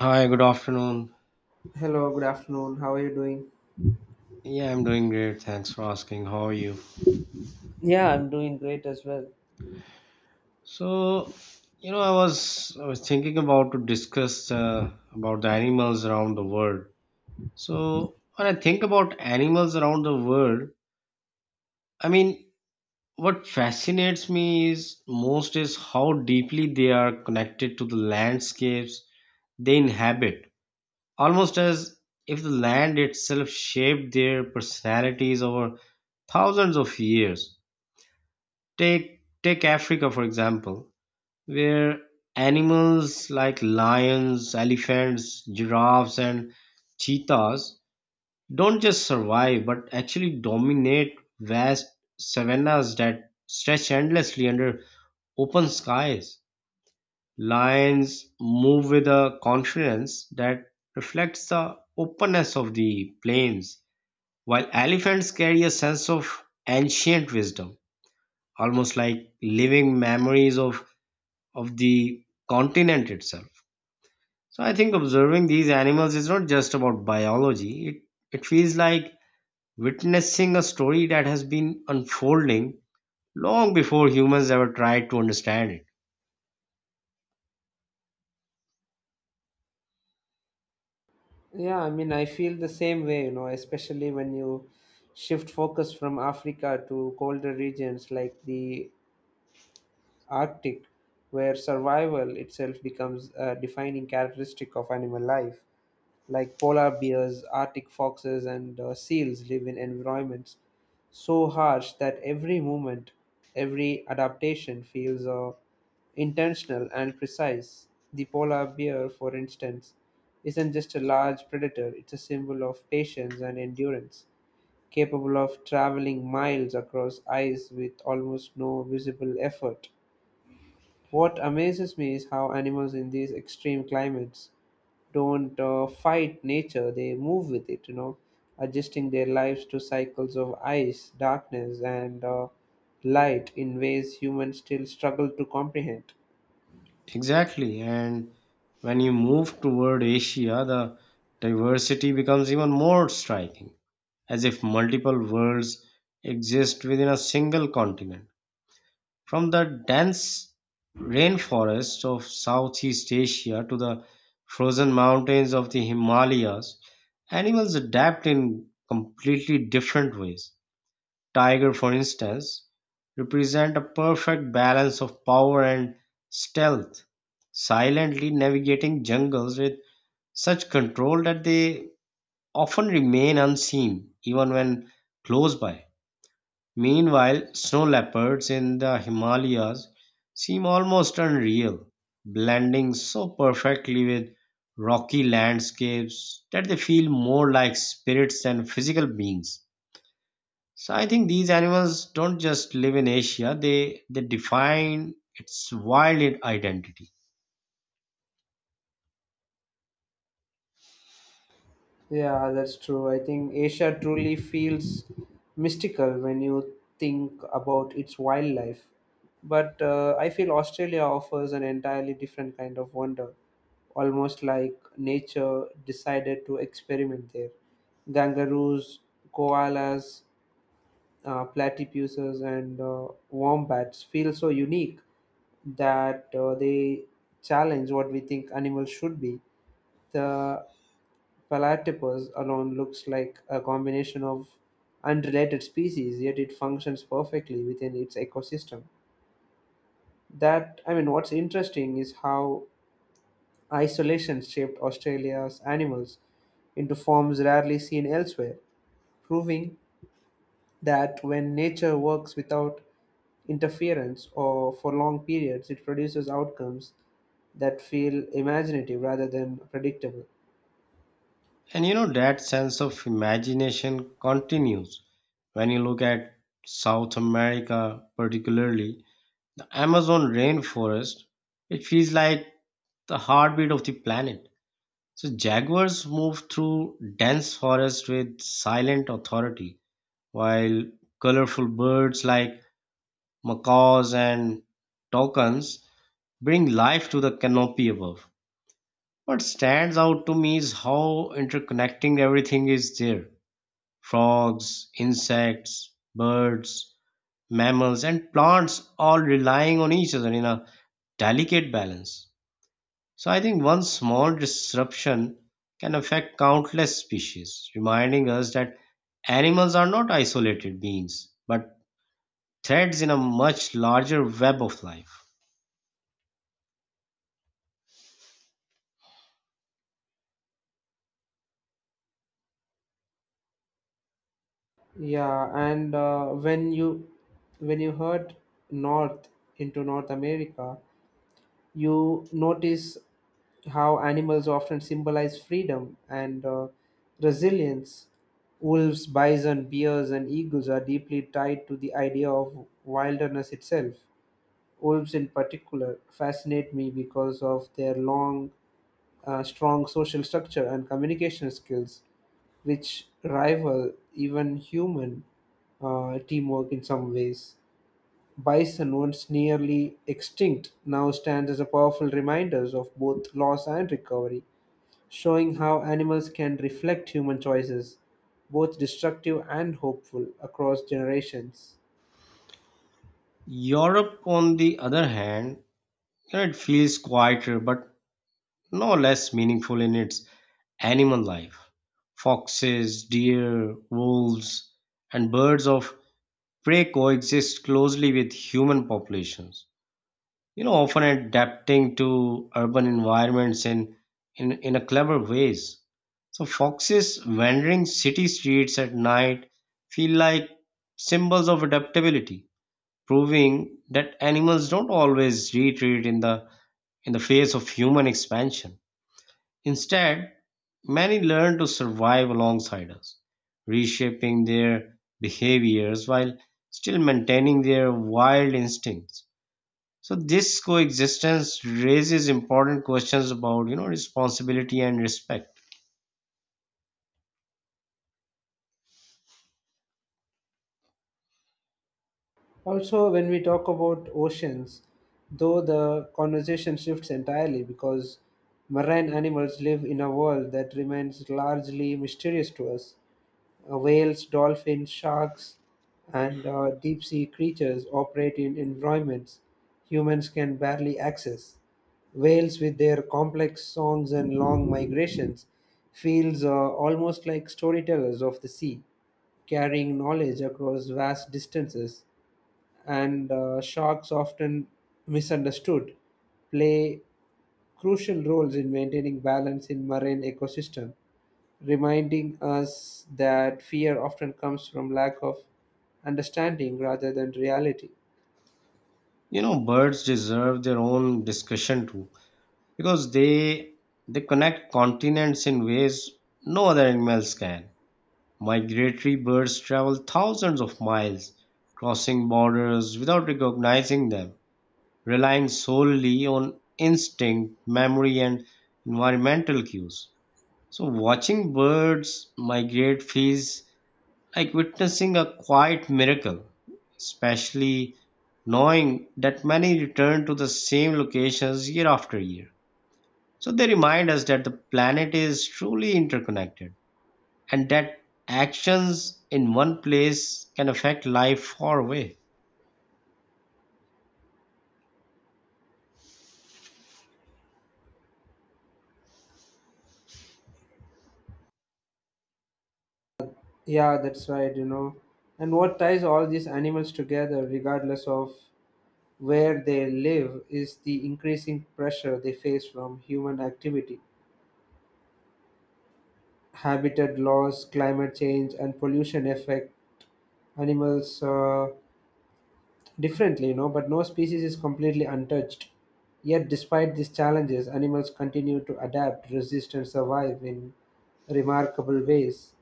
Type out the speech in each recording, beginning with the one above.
Hi, good afternoon. Hello, good afternoon. How are you doing? Yeah, I'm doing great. Thanks for asking. How are you? Well, So, I was thinking about to discuss about the animals around the world. So, when I think about animals around the world, I mean, what fascinates me is most is how deeply they are connected to the landscapes they inhabit. Almost as if the land itself shaped their personalities over thousands of years. Take Africa for example, where animals like lions, elephants, giraffes and cheetahs don't just survive but actually dominate vast savannas that stretch endlessly under open skies. Lions move with a confidence that reflects the openness of the plains, while elephants carry a sense of ancient wisdom, almost like living memories of the continent itself. So I think observing these animals is not just about biology. It feels like witnessing a story that has been unfolding long before humans ever tried to understand it. Yeah, I mean, I feel the same way, you know, especially when you shift focus from Africa to colder regions like the Arctic, where survival itself becomes a defining characteristic of animal life. Like polar bears, arctic foxes, and seals live in environments so harsh that every movement, every adaptation feels intentional and precise. The polar bear, for instance, isn't just a large predator, it's a symbol of patience and endurance, capable of traveling miles across ice with almost no visible effort. What amazes me is how animals in these extreme climates don't fight nature, they move with it, you know, adjusting their lives to cycles of ice, darkness, and light in ways humans still struggle to comprehend. Exactly. And when you move toward Asia, the diversity becomes even more striking, as if multiple worlds exist within a single continent. From the dense rainforests of Southeast Asia to the frozen mountains of the Himalayas, animals adapt in completely different ways. Tiger, for instance, represent a perfect balance of power and stealth, silently navigating jungles with such control that they often remain unseen even when close by. Meanwhile, snow leopards in the Himalayas seem almost unreal, blending so perfectly with rocky landscapes that they feel more like spirits than physical beings. So I think these animals don't just live in Asia, they define its wild identity. Yeah, that's true. I think Asia truly feels mystical when you think about its wildlife, but I feel Australia offers an entirely different kind of wonder, almost like nature decided to experiment there. Kangaroos, koalas, platypuses, and wombats feel so unique that they challenge what we think animals should be. The platypus alone looks like a combination of unrelated species, yet it functions perfectly within its ecosystem. I mean, what's interesting is how isolation shaped Australia's animals into forms rarely seen elsewhere, proving that when nature works without interference or for long periods, it produces outcomes that feel imaginative rather than predictable. And you know, that sense of imagination continues when you look at South America, particularly Amazon rainforest, it feels like the heartbeat of the planet. So jaguars move through dense forest with silent authority, while colorful birds like macaws and toucans bring life to the canopy above. What stands out to me is how interconnecting everything is there. Frogs, insects, birds, mammals, and plants all relying on each other in a delicate balance. So I think one small disruption can affect countless species, reminding us that animals are not isolated beings, but threads in a much larger web of life. Yeah, and when you head north into North America, you notice how animals often symbolize freedom and resilience. Wolves, bison, bears, and eagles are deeply tied to the idea of wilderness itself. Wolves, in particular, fascinate me because of their strong social structure and communication skills, which rival even human teamwork in some ways. Bison, once nearly extinct, now stands as a powerful reminder of both loss and recovery, showing how animals can reflect human choices, both destructive and hopeful, across generations. Europe, on the other hand, you know, it feels quieter but no less meaningful in its animal life. Foxes, deer, wolves, and birds of prey coexist closely with human populations, you know, often adapting to urban environments in a clever ways. So foxes wandering city streets at night feel like symbols of adaptability, proving that animals don't always retreat in the face of human expansion. Instead, many learn to survive alongside us, reshaping their behaviors while still maintaining their wild instincts. So this coexistence raises important questions about, you know, responsibility and respect. Also, when we talk about oceans, though the conversation shifts entirely because marine animals live in a world that remains largely mysterious to us. Whales, dolphins, sharks, and deep sea creatures operate in environments humans can barely access. Whales, with their complex songs and long migrations, feels almost like storytellers of the sea, carrying knowledge across vast distances, and sharks, often misunderstood, play crucial roles in maintaining balance in marine ecosystem, reminding us that fear often comes from lack of understanding rather than reality. You know, birds deserve their own discussion too because they connect continents in ways no other animals can. Migratory birds travel thousands of miles, crossing borders without recognizing them, relying solely on instinct, memory, and environmental cues. So watching birds migrate feels like witnessing a quiet miracle, especially knowing that many return to the same locations year after year. So they remind us that the planet is truly interconnected and that actions in one place can affect life far away. Yeah, that's right, you know. And what ties all these animals together, regardless of where they live, is the increasing pressure they face from human activity. Habitat loss, climate change, and pollution affect animals' differently, you know, but no species is completely untouched. Yet, despite these challenges, animals continue to adapt, resist, and survive in remarkable ways.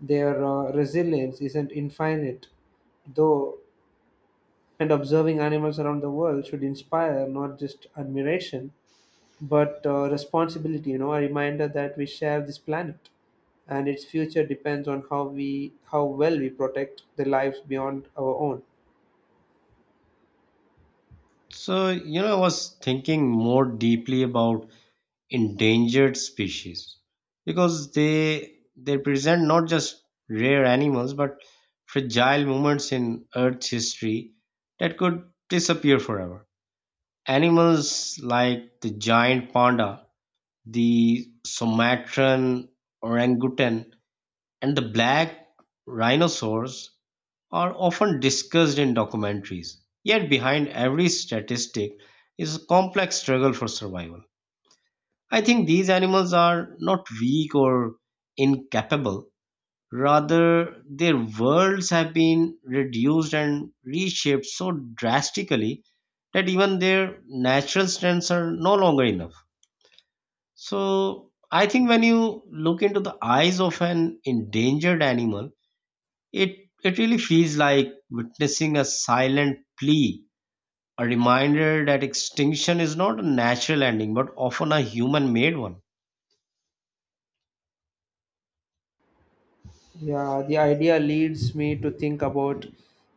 Their resilience isn't infinite, though, and observing animals around the world should inspire not just admiration but responsibility, you know, a reminder that we share this planet and its future depends on how well we protect the lives beyond our own. So, you know, I was thinking more deeply about endangered species because they present not just rare animals but fragile moments in earth's history that could disappear forever. Animals like the giant panda, the Sumatran orangutan, and the black rhinoceros are often discussed in documentaries, yet behind every statistic is a complex struggle for survival. I think these animals are not weak or incapable. Rather, their worlds have been reduced and reshaped so drastically that even their natural strengths are no longer enough. So, I think when you look into the eyes of an endangered animal, it really feels like witnessing a silent plea, a reminder that extinction is not a natural ending but often a human made one. Yeah, the idea leads me to think about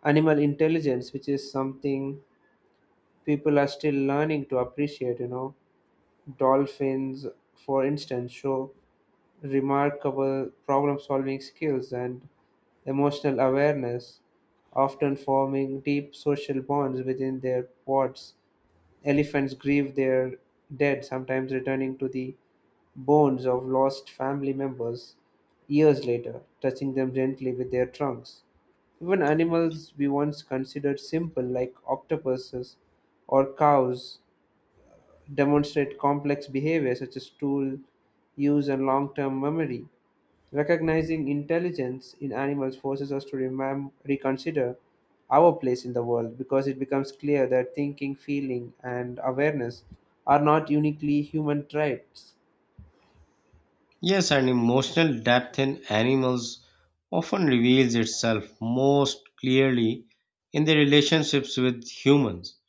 animal intelligence, which is something people are still learning to appreciate. You know, dolphins, for instance, show remarkable problem solving skills and emotional awareness, often forming deep social bonds within their pods. Elephants grieve their dead, sometimes returning to the bones of lost family members years later, touching them gently with their trunks. Even animals we once considered simple, like octopuses or cows, demonstrate complex behavior such as tool use and long term memory. Recognizing intelligence in animals forces us to reconsider our place in the world because it becomes clear that thinking, feeling, and awareness are not uniquely human traits. Yes, and emotional depth in animals often reveals itself most clearly in their relationships with humans.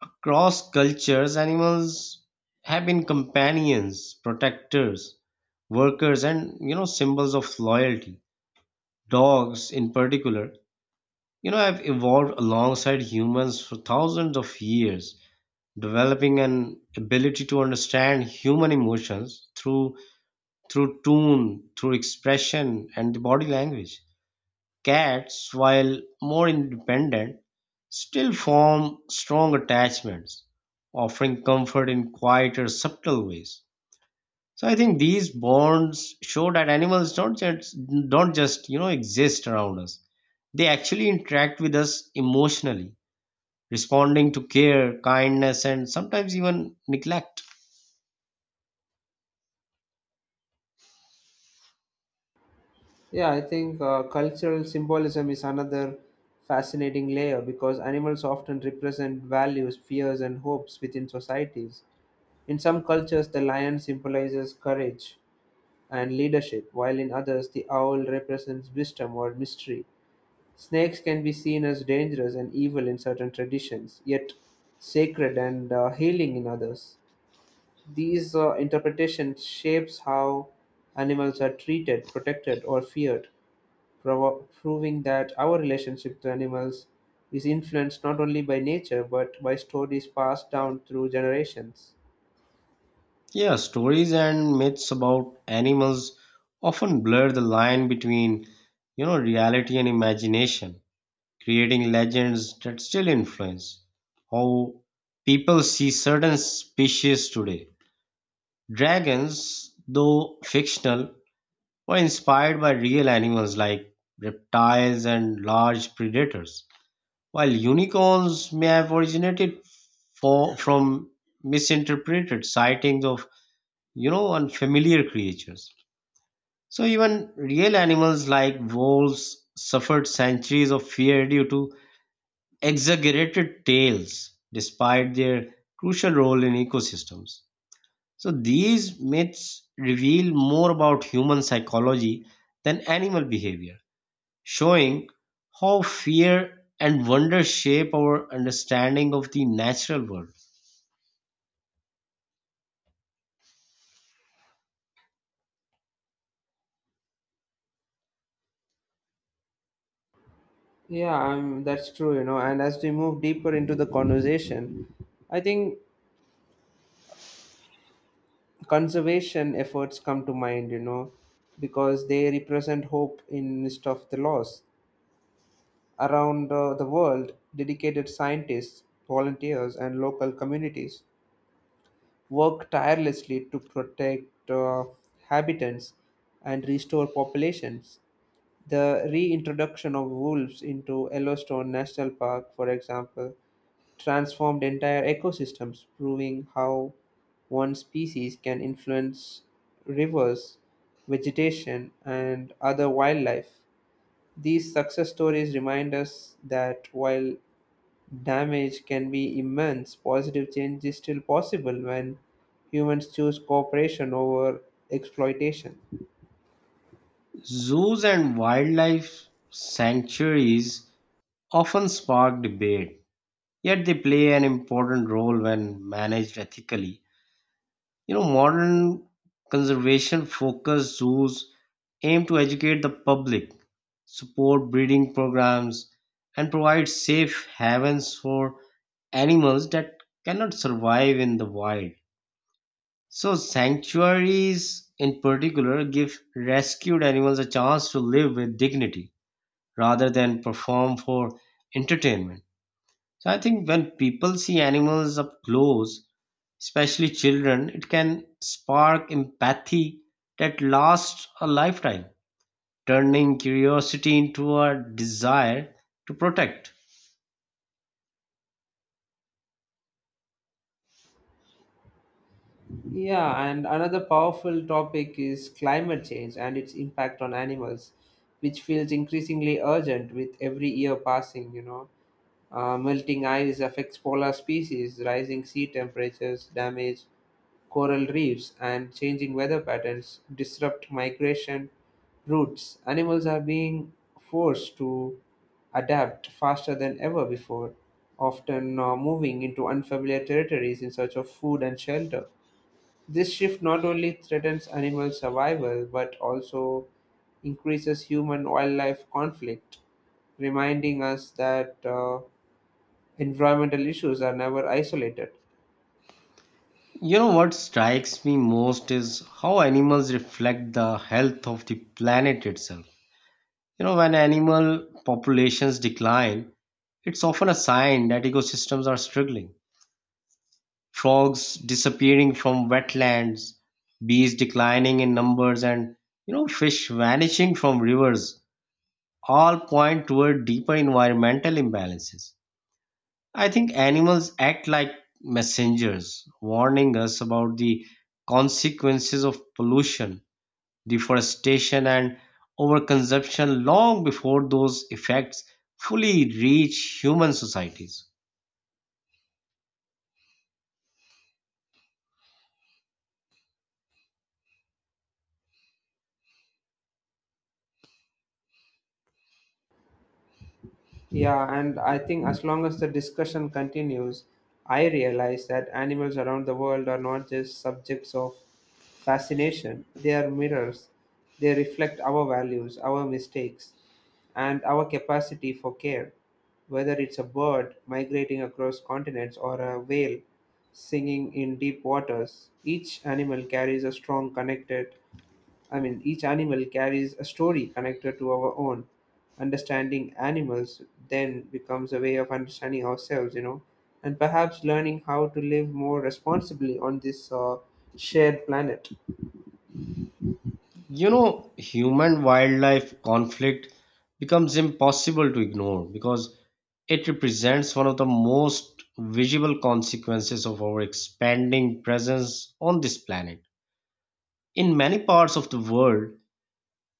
Across cultures, animals have been companions, protectors, workers, and you know, symbols of loyalty. Dogs, in particular, you know, have evolved alongside humans for thousands of years, developing an ability to understand human emotions through tune, through expression, and the body language. Cats, while more independent, still form strong attachments, offering comfort in quieter, subtle ways. So I think these bonds show that animals don't just exist around us. They actually interact with us emotionally, responding to care, kindness, and sometimes even neglect. Yeah, I think cultural symbolism is another fascinating layer because animals often represent values, fears, and hopes within societies. In some cultures, the lion symbolizes courage and leadership, while in others, the owl represents wisdom or mystery. Snakes can be seen as dangerous and evil in certain traditions, yet sacred and healing in others. These interpretations shapes how animals are treated, protected, or feared, proving that our relationship to animals is influenced not only by nature but by stories passed down through generations. Yeah, stories and myths about animals often blur the line between, you know, reality and imagination, creating legends that still influence how people see certain species today. Dragons, though fictional, were inspired by real animals like reptiles and large predators, while unicorns may have originated from misinterpreted sightings of, you know, unfamiliar creatures. So even real animals like wolves suffered centuries of fear due to exaggerated tales, despite their crucial role in ecosystems. So these myths reveal more about human psychology than animal behavior, showing how fear and wonder shape our understanding of the natural world. Yeah, that's true, you know. And as we move deeper into the conversation, I think conservation efforts come to mind, you know, because they represent hope in midst of the loss. Around the world, dedicated scientists, volunteers, and local communities work tirelessly to protect uh, habitants and restore populations. The reintroduction of wolves into Yellowstone National Park, for example, transformed entire ecosystems, proving how one species can influence rivers, vegetation, and other wildlife. These success stories remind us that while damage can be immense, positive change is still possible when humans choose cooperation over exploitation. Zoos and wildlife sanctuaries often spark debate, yet they play an important role when managed ethically. You know, modern conservation focused zoos aim to educate the public, support breeding programs, and provide safe havens for animals that cannot survive in the wild. So, sanctuaries in particular give rescued animals a chance to live with dignity rather than perform for entertainment. So, I think when people see animals up close, especially children, it can spark empathy that lasts a lifetime, turning curiosity into a desire to protect. Yeah, and another powerful topic is climate change and its impact on animals, which feels increasingly urgent with every year passing, you know. Melting ice affects polar species, rising sea temperatures damage coral reefs, and changing weather patterns disrupt migration routes. Animals are being forced to adapt faster than ever before, often moving into unfamiliar territories in search of food and shelter. This shift not only threatens animal survival but also increases human wildlife conflict, reminding us that environmental issues are never isolated. You know what strikes me most is how animals reflect the health of the planet itself. You know, when animal populations decline, it's often a sign that ecosystems are struggling. Frogs disappearing from wetlands, bees declining in numbers, and you know, fish vanishing from rivers all point toward deeper environmental imbalances. I think animals act like messengers, warning us about the consequences of pollution, deforestation, and overconsumption long before those effects fully reach human societies. Yeah, and I think as long as the discussion continues, I realize that animals around the world are not just subjects of fascination, they are mirrors. They reflect our values, our mistakes, and our capacity for care. Whether it's a bird migrating across continents or a whale singing in deep waters, each animal carries a strong connected I mean, each animal carries a story connected to our own. Understanding animals then becomes a way of understanding ourselves, you know, and perhaps learning how to live more responsibly on this shared planet. You know, human wildlife conflict becomes impossible to ignore because it represents one of the most visible consequences of our expanding presence on this planet. In many parts of the world,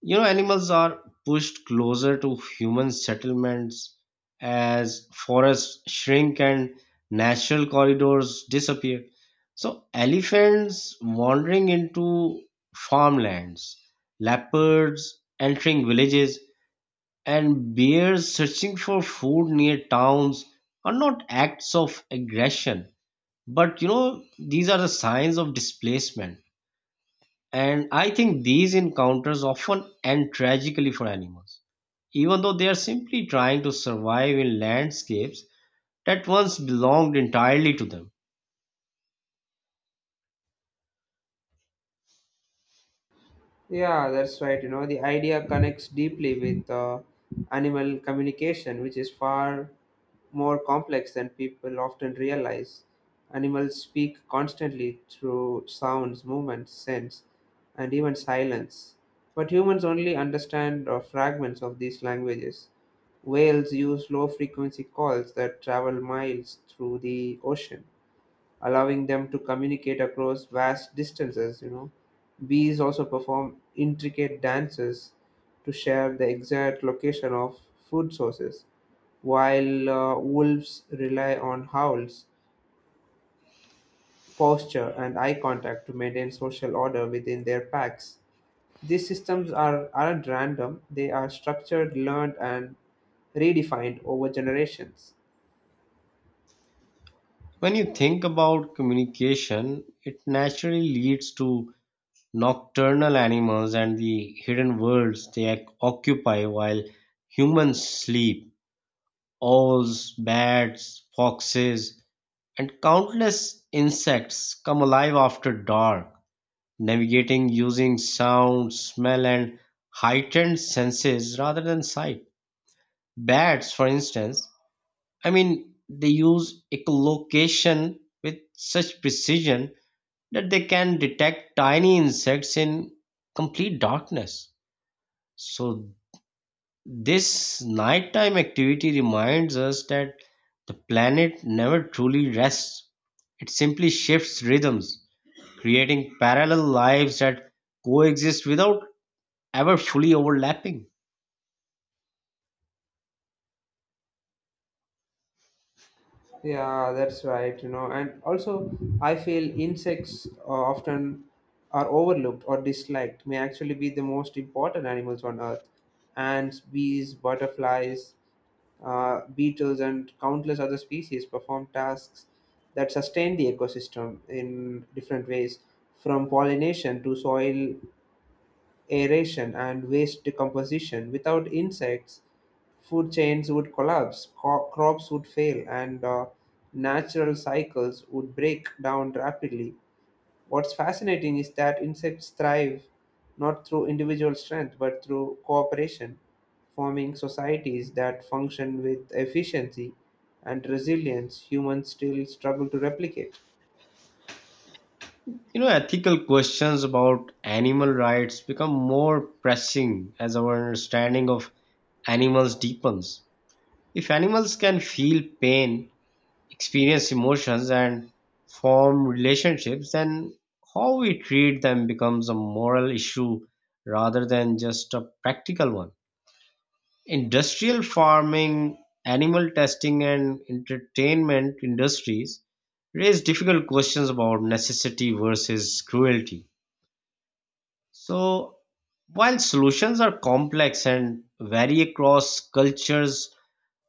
you know, animals are pushed closer to human settlements as forests shrink and natural corridors disappear. So, elephants wandering into farmlands, leopards entering villages, and bears searching for food near towns are not acts of aggression, but you know, these are the signs of displacement. And I think these encounters often end tragically for animals, even though they are simply trying to survive in landscapes that once belonged entirely to them. Yeah, that's right. You know, the idea connects deeply with animal communication, which is far more complex than people often realize. Animals speak constantly through sounds, movements, sense, and even silence. But humans only understand fragments of these languages. Whales use low frequency calls that travel miles through the ocean, allowing them to communicate across vast distances, you know. Bees also perform intricate dances to share the exact location of food sources, while wolves rely on howls, posture, and eye contact to maintain social order within their packs. These systems aren't random, they are structured, learned, and redefined over generations. When you think about communication, it naturally leads to nocturnal animals and the hidden worlds they occupy while humans sleep. Owls, bats, foxes, and countless insects come alive after dark, navigating using sound, smell, and heightened senses rather than sight. Bats, for instance, they use echolocation with such precision that they can detect tiny insects in complete darkness. So, this nighttime activity reminds us that the planet never truly rests. It simply shifts rhythms, creating parallel lives that coexist without ever fully overlapping. Yeah, that's right, you know, and also I feel insects, often are overlooked or disliked, may actually be the most important animals on earth. Ants, bees, butterflies, beetles, and countless other species perform tasks that sustain the ecosystem in different ways, from pollination to soil aeration and waste decomposition. Without insects, food chains would collapse, crops would fail, and natural cycles would break down rapidly. What's fascinating is that insects thrive not through individual strength but through cooperation, forming societies that function with efficiency and resilience humans still struggle to replicate. You know, ethical questions about animal rights become more pressing as our understanding of animals deepens. If animals can feel pain, experience emotions, and form relationships, then how we treat them becomes a moral issue rather than just a practical one. Industrial farming, animal testing and entertainment industries raise difficult questions about necessity versus cruelty. So, while solutions are complex and vary across cultures,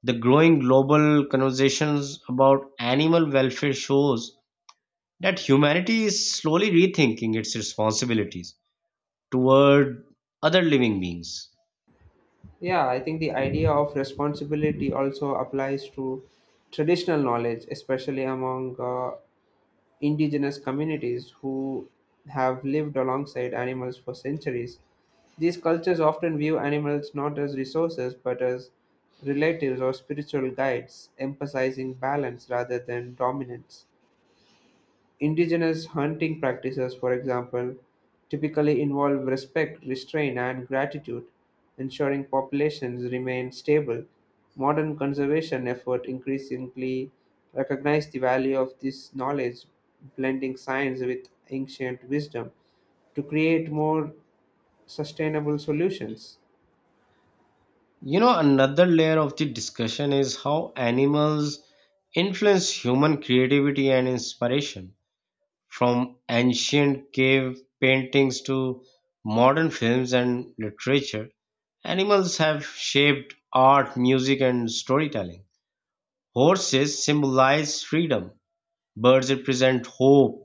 the growing global conversations about animal welfare shows that humanity is slowly rethinking its responsibilities toward other living beings. Yeah, I think the idea of responsibility also applies to traditional knowledge, especially among indigenous communities who have lived alongside animals for centuries. These cultures often view animals not as resources but as relatives or spiritual guides, emphasizing balance rather than dominance. Indigenous hunting practices, for example, typically involve respect, restraint, and gratitude, ensuring populations remain stable. Modern conservation efforts increasingly recognize the value of this knowledge, blending science with ancient wisdom to create more sustainable solutions. You know, another layer of the discussion is how animals influence human creativity and inspiration, from ancient cave paintings to modern films and literature. Animals have shaped art, music, and storytelling. Horses symbolize freedom, birds represent hope,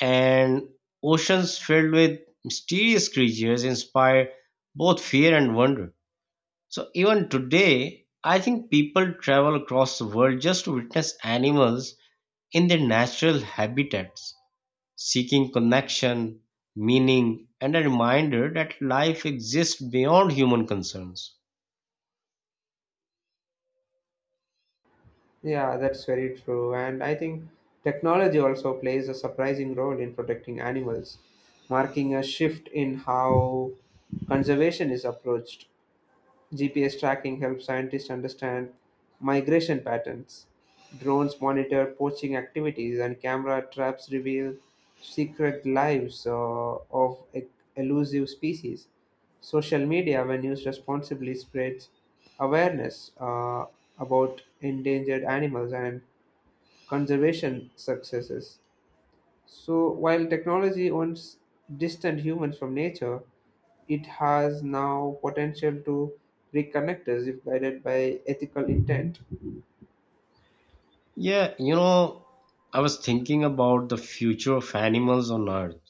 and oceans filled with mysterious creatures inspire both fear and wonder. So even today, I think people travel across the world just to witness animals in their natural habitats, seeking connection, meaning, and a reminder that life exists beyond human concerns. Yeah, that's very true. And I think technology also plays a surprising role in protecting animals, marking a shift in how conservation is approached. GPS tracking helps scientists understand migration patterns. Drones monitor poaching activities, and camera traps reveal secret lives of e- elusive species. Social media, when used responsibly, spreads awareness about endangered animals and conservation successes. So, while technology owns distant humans from nature, it has now potential to reconnect us if guided by ethical intent. Yeah, you know, I was thinking about the future of animals on Earth.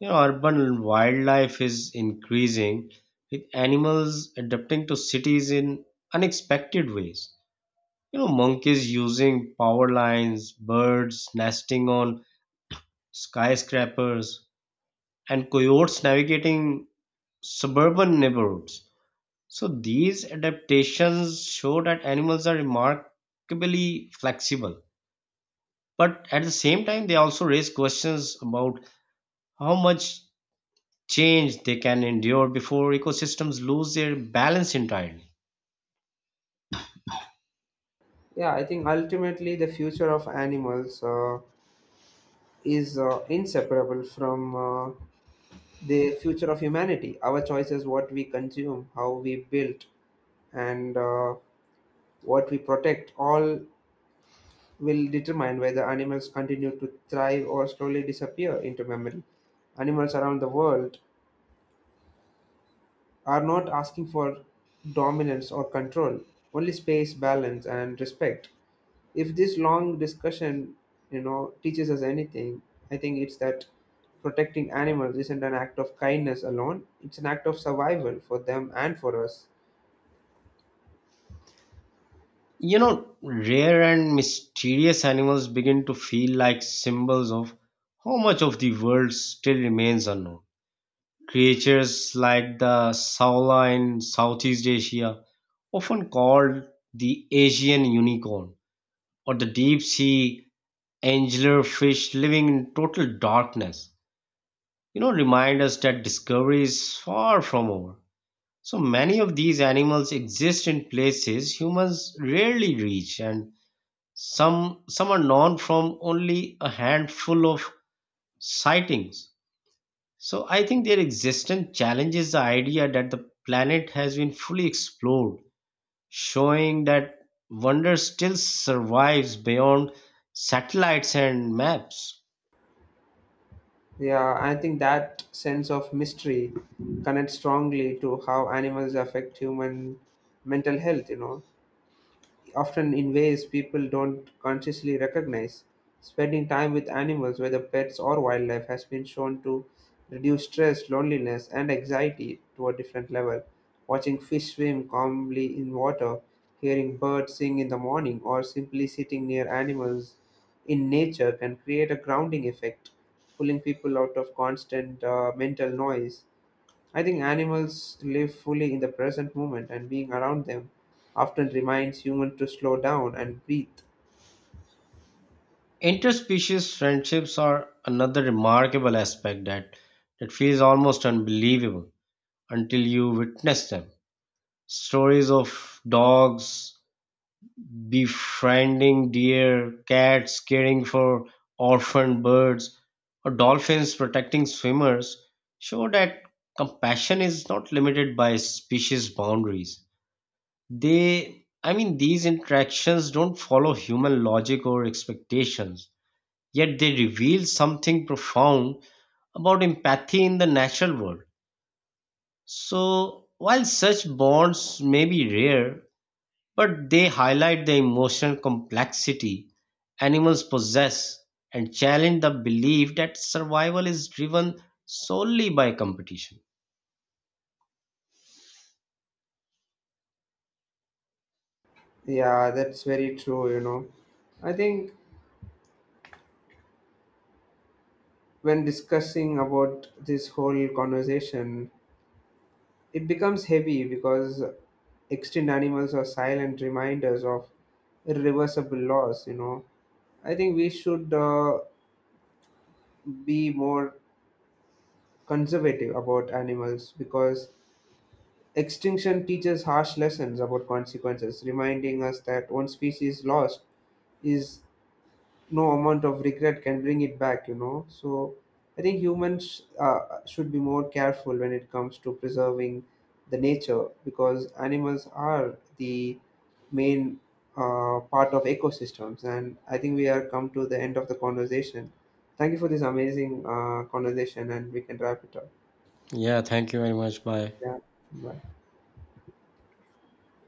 You know, urban wildlife is increasing, with animals adapting to cities in unexpected ways. You know, monkeys using power lines, birds nesting on skyscrapers, and coyotes navigating suburban neighborhoods. So these adaptations show that animals are remarkably flexible. But at the same time, they also raise questions about how much change they can endure before ecosystems lose their balance entirely. Yeah, I think ultimately the future of animals is inseparable from the future of humanity. Our choices, what we consume, how we build, and what we protect, all will determine whether animals continue to thrive or slowly disappear into memory. Animals around the world are not asking for dominance or control, only space, balance, and respect. If this long discussion, you know, teaches us anything, I think it's that protecting animals isn't an act of kindness alone; it's an act of survival for them and for us. You know, rare and mysterious animals begin to feel like symbols of how much of the world still remains unknown. Creatures like the Saula in Southeast Asia, often called the Asian unicorn, or the deep sea angler fish living in total darkness, you know, remind us that discovery is far from over. So many of these animals exist in places humans rarely reach, and some are known from only a handful of sightings. So I think their existence challenges the idea that the planet has been fully explored, showing that wonder still survives beyond satellites and maps. Yeah, I think that sense of mystery connects strongly to how animals affect human mental health, you know, often in ways people don't consciously recognize. Spending time with animals, whether pets or wildlife, has been shown to reduce stress, loneliness, and anxiety to a different level. Watching fish swim calmly in water, hearing birds sing in the morning, or simply sitting near animals in nature can create a grounding effect, pulling people out of constant mental noise. I think animals live fully in the present moment, and being around them often reminds humans to slow down and breathe. Interspecies friendships are another remarkable aspect that feels almost unbelievable until you witness them. Stories of dogs befriending deer, cats caring for orphaned birds, or dolphins protecting swimmers show that compassion is not limited by species boundaries. These interactions don't follow human logic or expectations, yet they reveal something profound about empathy in the natural world. So, while such bonds may be rare, but they highlight the emotional complexity animals possess and challenge the belief that survival is driven solely by competition. Yeah, that's very true, you know. I think when discussing about this whole conversation, it becomes heavy because extinct animals are silent reminders of irreversible loss, you know. I think we should be more conservative about animals because extinction teaches harsh lessons about consequences, reminding us that one species lost is no amount of regret can bring it back, you know. So I think humans should be more careful when it comes to preserving the nature because animals are the main part of ecosystems. And I think we are come to the end of the conversation. Thank you for this amazing conversation, and we can wrap it up. Yeah, thank you very much. Bye. Yeah. Bye.